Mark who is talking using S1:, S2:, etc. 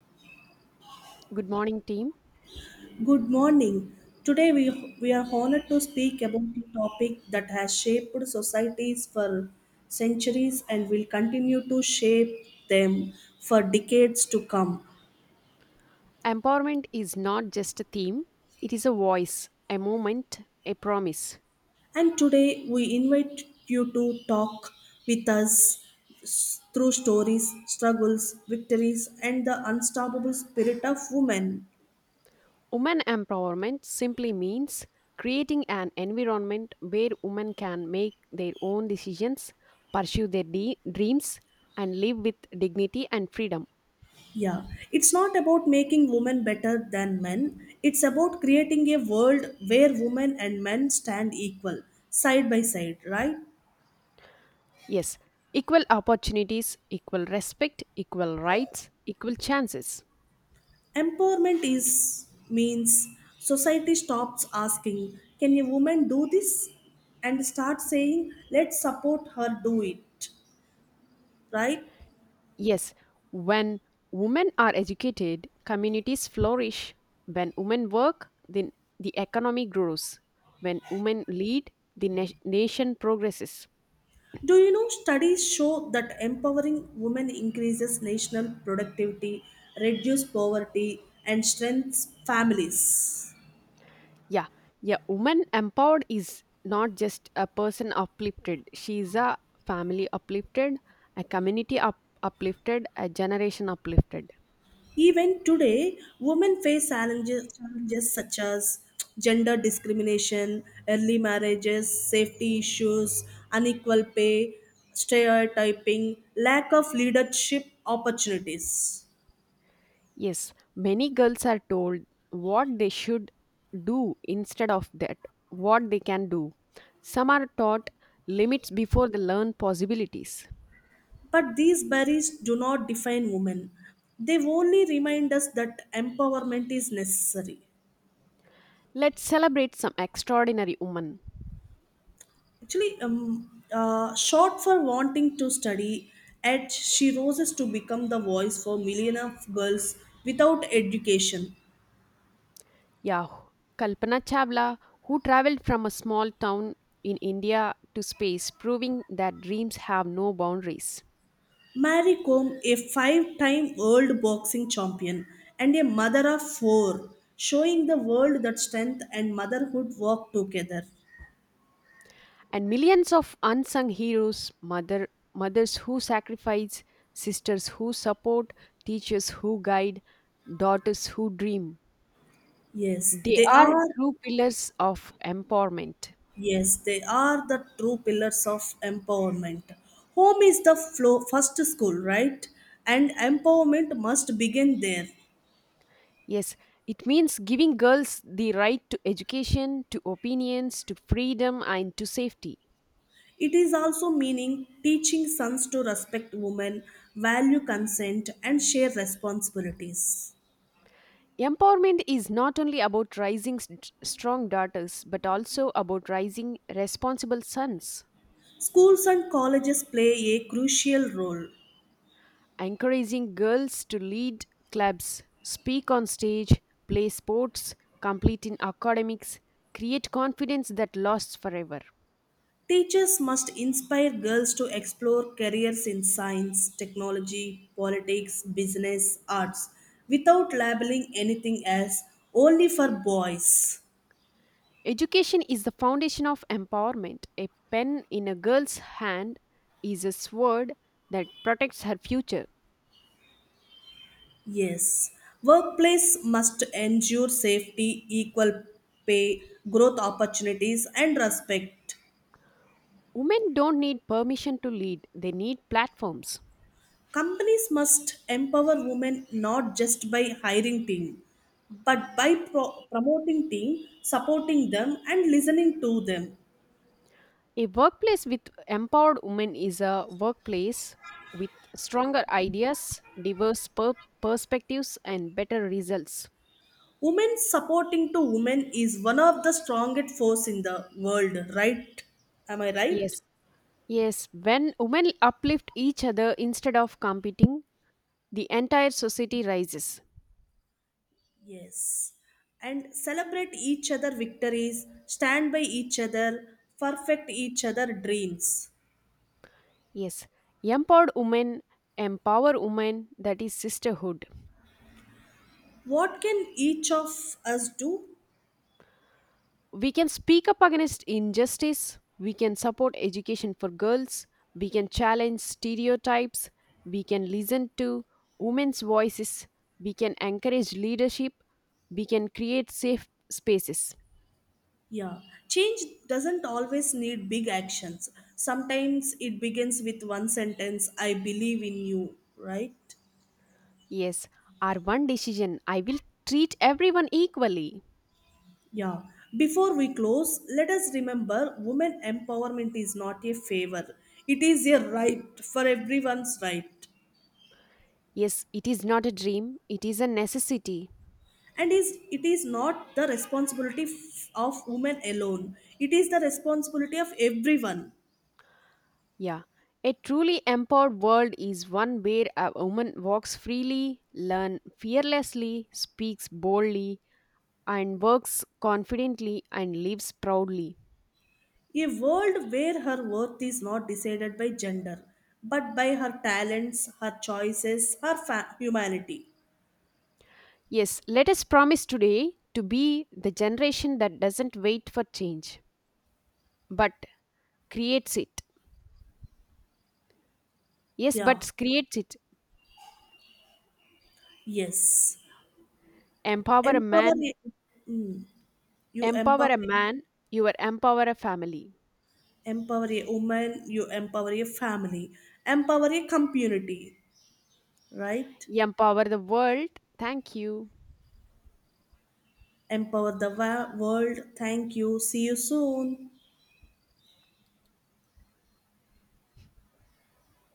S1: Good morning, team.
S2: Good morning. Today we, we are honored to speak about a topic that has shaped societies for centuries and will continue to shape them for decades to come.
S1: Empowerment is not just a theme, it is a voice, a moment, a promise.
S2: And today we invite you to talk with us through stories, struggles, victories, and the unstoppable spirit of women.
S1: Women empowerment simply means creating an environment where women can make their own decisions, pursue their dreams, and live with dignity and freedom.
S2: Yeah, it's not about making women better than men. It's about creating a world where women and men stand equal, side by side, right?
S1: Yes, equal opportunities, equal respect, equal rights, equal chances.
S2: Empowerment is means society stops asking, "Can a woman do this?" and start saying, "Let's support her do it." Right?
S1: Yes, when women are educated, communities flourish. When women work, then the economy grows. When women lead, the nation progresses.
S2: Do you know studies show that empowering women increases national productivity, reduce poverty, and strengthens families?
S1: Yeah, yeah, woman empowered is not just a person uplifted. She is a family uplifted, a community uplifted, a generation uplifted.
S2: Even today, women face challenges, challenges such as gender discrimination, early marriages, safety issues, unequal pay, stereotyping, lack of leadership opportunities.
S1: Yes, many girls are told what they should do instead of that, what they can do. Some are taught limits before they learn possibilities.
S2: But these barriers do not define women, they only remind us that empowerment is necessary.
S1: Let's celebrate some extraordinary women.
S2: Actually, short for wanting to study, at she roses to become the voice for millions of girls without education.
S1: Yeah, Kalpana Chavla, who traveled from a small town in India to space, proving that dreams have no boundaries.
S2: Mary Combe, a five-time world boxing champion and a mother of four, showing the world that strength and motherhood work together.
S1: And millions of unsung heroes, mother mothers who sacrifice, sisters who support, teachers who guide, daughters who dream,
S2: Yes,
S1: they
S2: they
S1: are
S2: are.
S1: true pillars of empowerment.
S2: Yes, they are the true pillars of empowerment. Home is the flow, first school, right? And empowerment must begin there.
S1: Yes, it means giving girls the right to education, to opinions, to freedom, and to safety.
S2: It is also meaning teaching sons to respect women, value consent, and share responsibilities.
S1: Empowerment is not only about raising strong daughters but also about raising responsible sons,
S2: Schools and colleges play a crucial role.
S1: encouraging girls to lead clubs, speak on stage, play sports, complete in academics, create confidence that lasts forever.
S2: Teachers must inspire girls to explore careers in science, technology, politics, business, arts, without labeling anything as only for boys.
S1: Education is the foundation of empowerment. A pen in a girl's hand is a sword that protects her future.
S2: Yes, workplace must ensure safety, equal pay, growth opportunities, and respect.
S1: Women don't need permission to lead, they need platforms.
S2: Companies must empower women not just by hiring team, but by promoting team, supporting them, and listening to them.
S1: A workplace with empowered women is a workplace with stronger ideas, diverse perspectives, and better results.
S2: Women supporting to women is one of the strongest force in the world, right? Am I right?
S1: Yes, yes. When women uplift each other instead of competing, the entire society rises.
S2: Yes. And celebrate each other victories, stand by each other, perfect each other dreams.
S1: Yes, empowered women empower women, that is sisterhood.
S2: What can each of us do?
S1: We can speak up against injustice, we can support education for girls, we can challenge stereotypes, we can listen to women's voices, we can encourage leadership, we can create safe spaces.
S2: Yeah, change doesn't always need big actions. Sometimes it begins with one sentence, I believe in you, right?
S1: Yes, our one decision, I will treat everyone equally.
S2: Yeah. Before we close, let us remember women empowerment is not a favor, it is a right for everyone's right.
S1: Yes, it is not a dream, it is a necessity.
S2: It is not the responsibility of women alone, it is the responsibility of everyone.
S1: Yeah. A truly empowered world is one where a woman walks freely, learns fearlessly, speaks boldly, and works confidently and lives proudly.
S2: A world where her worth is not decided by gender, but by her talents, her choices, her humanity.
S1: Yes, let us promise today to be the generation that doesn't wait for change, but creates it. Yes,
S2: Yeah,
S1: but creates it.
S2: yes.
S1: Empower a
S2: Empower.
S1: man,
S2: Mm, you empower.
S1: empower a man, you will empower a family.
S2: Empower a woman. You empower a family. Empower a community. Right.
S1: Empower the world. Thank you.
S2: Empower the world. Thank you. See you soon.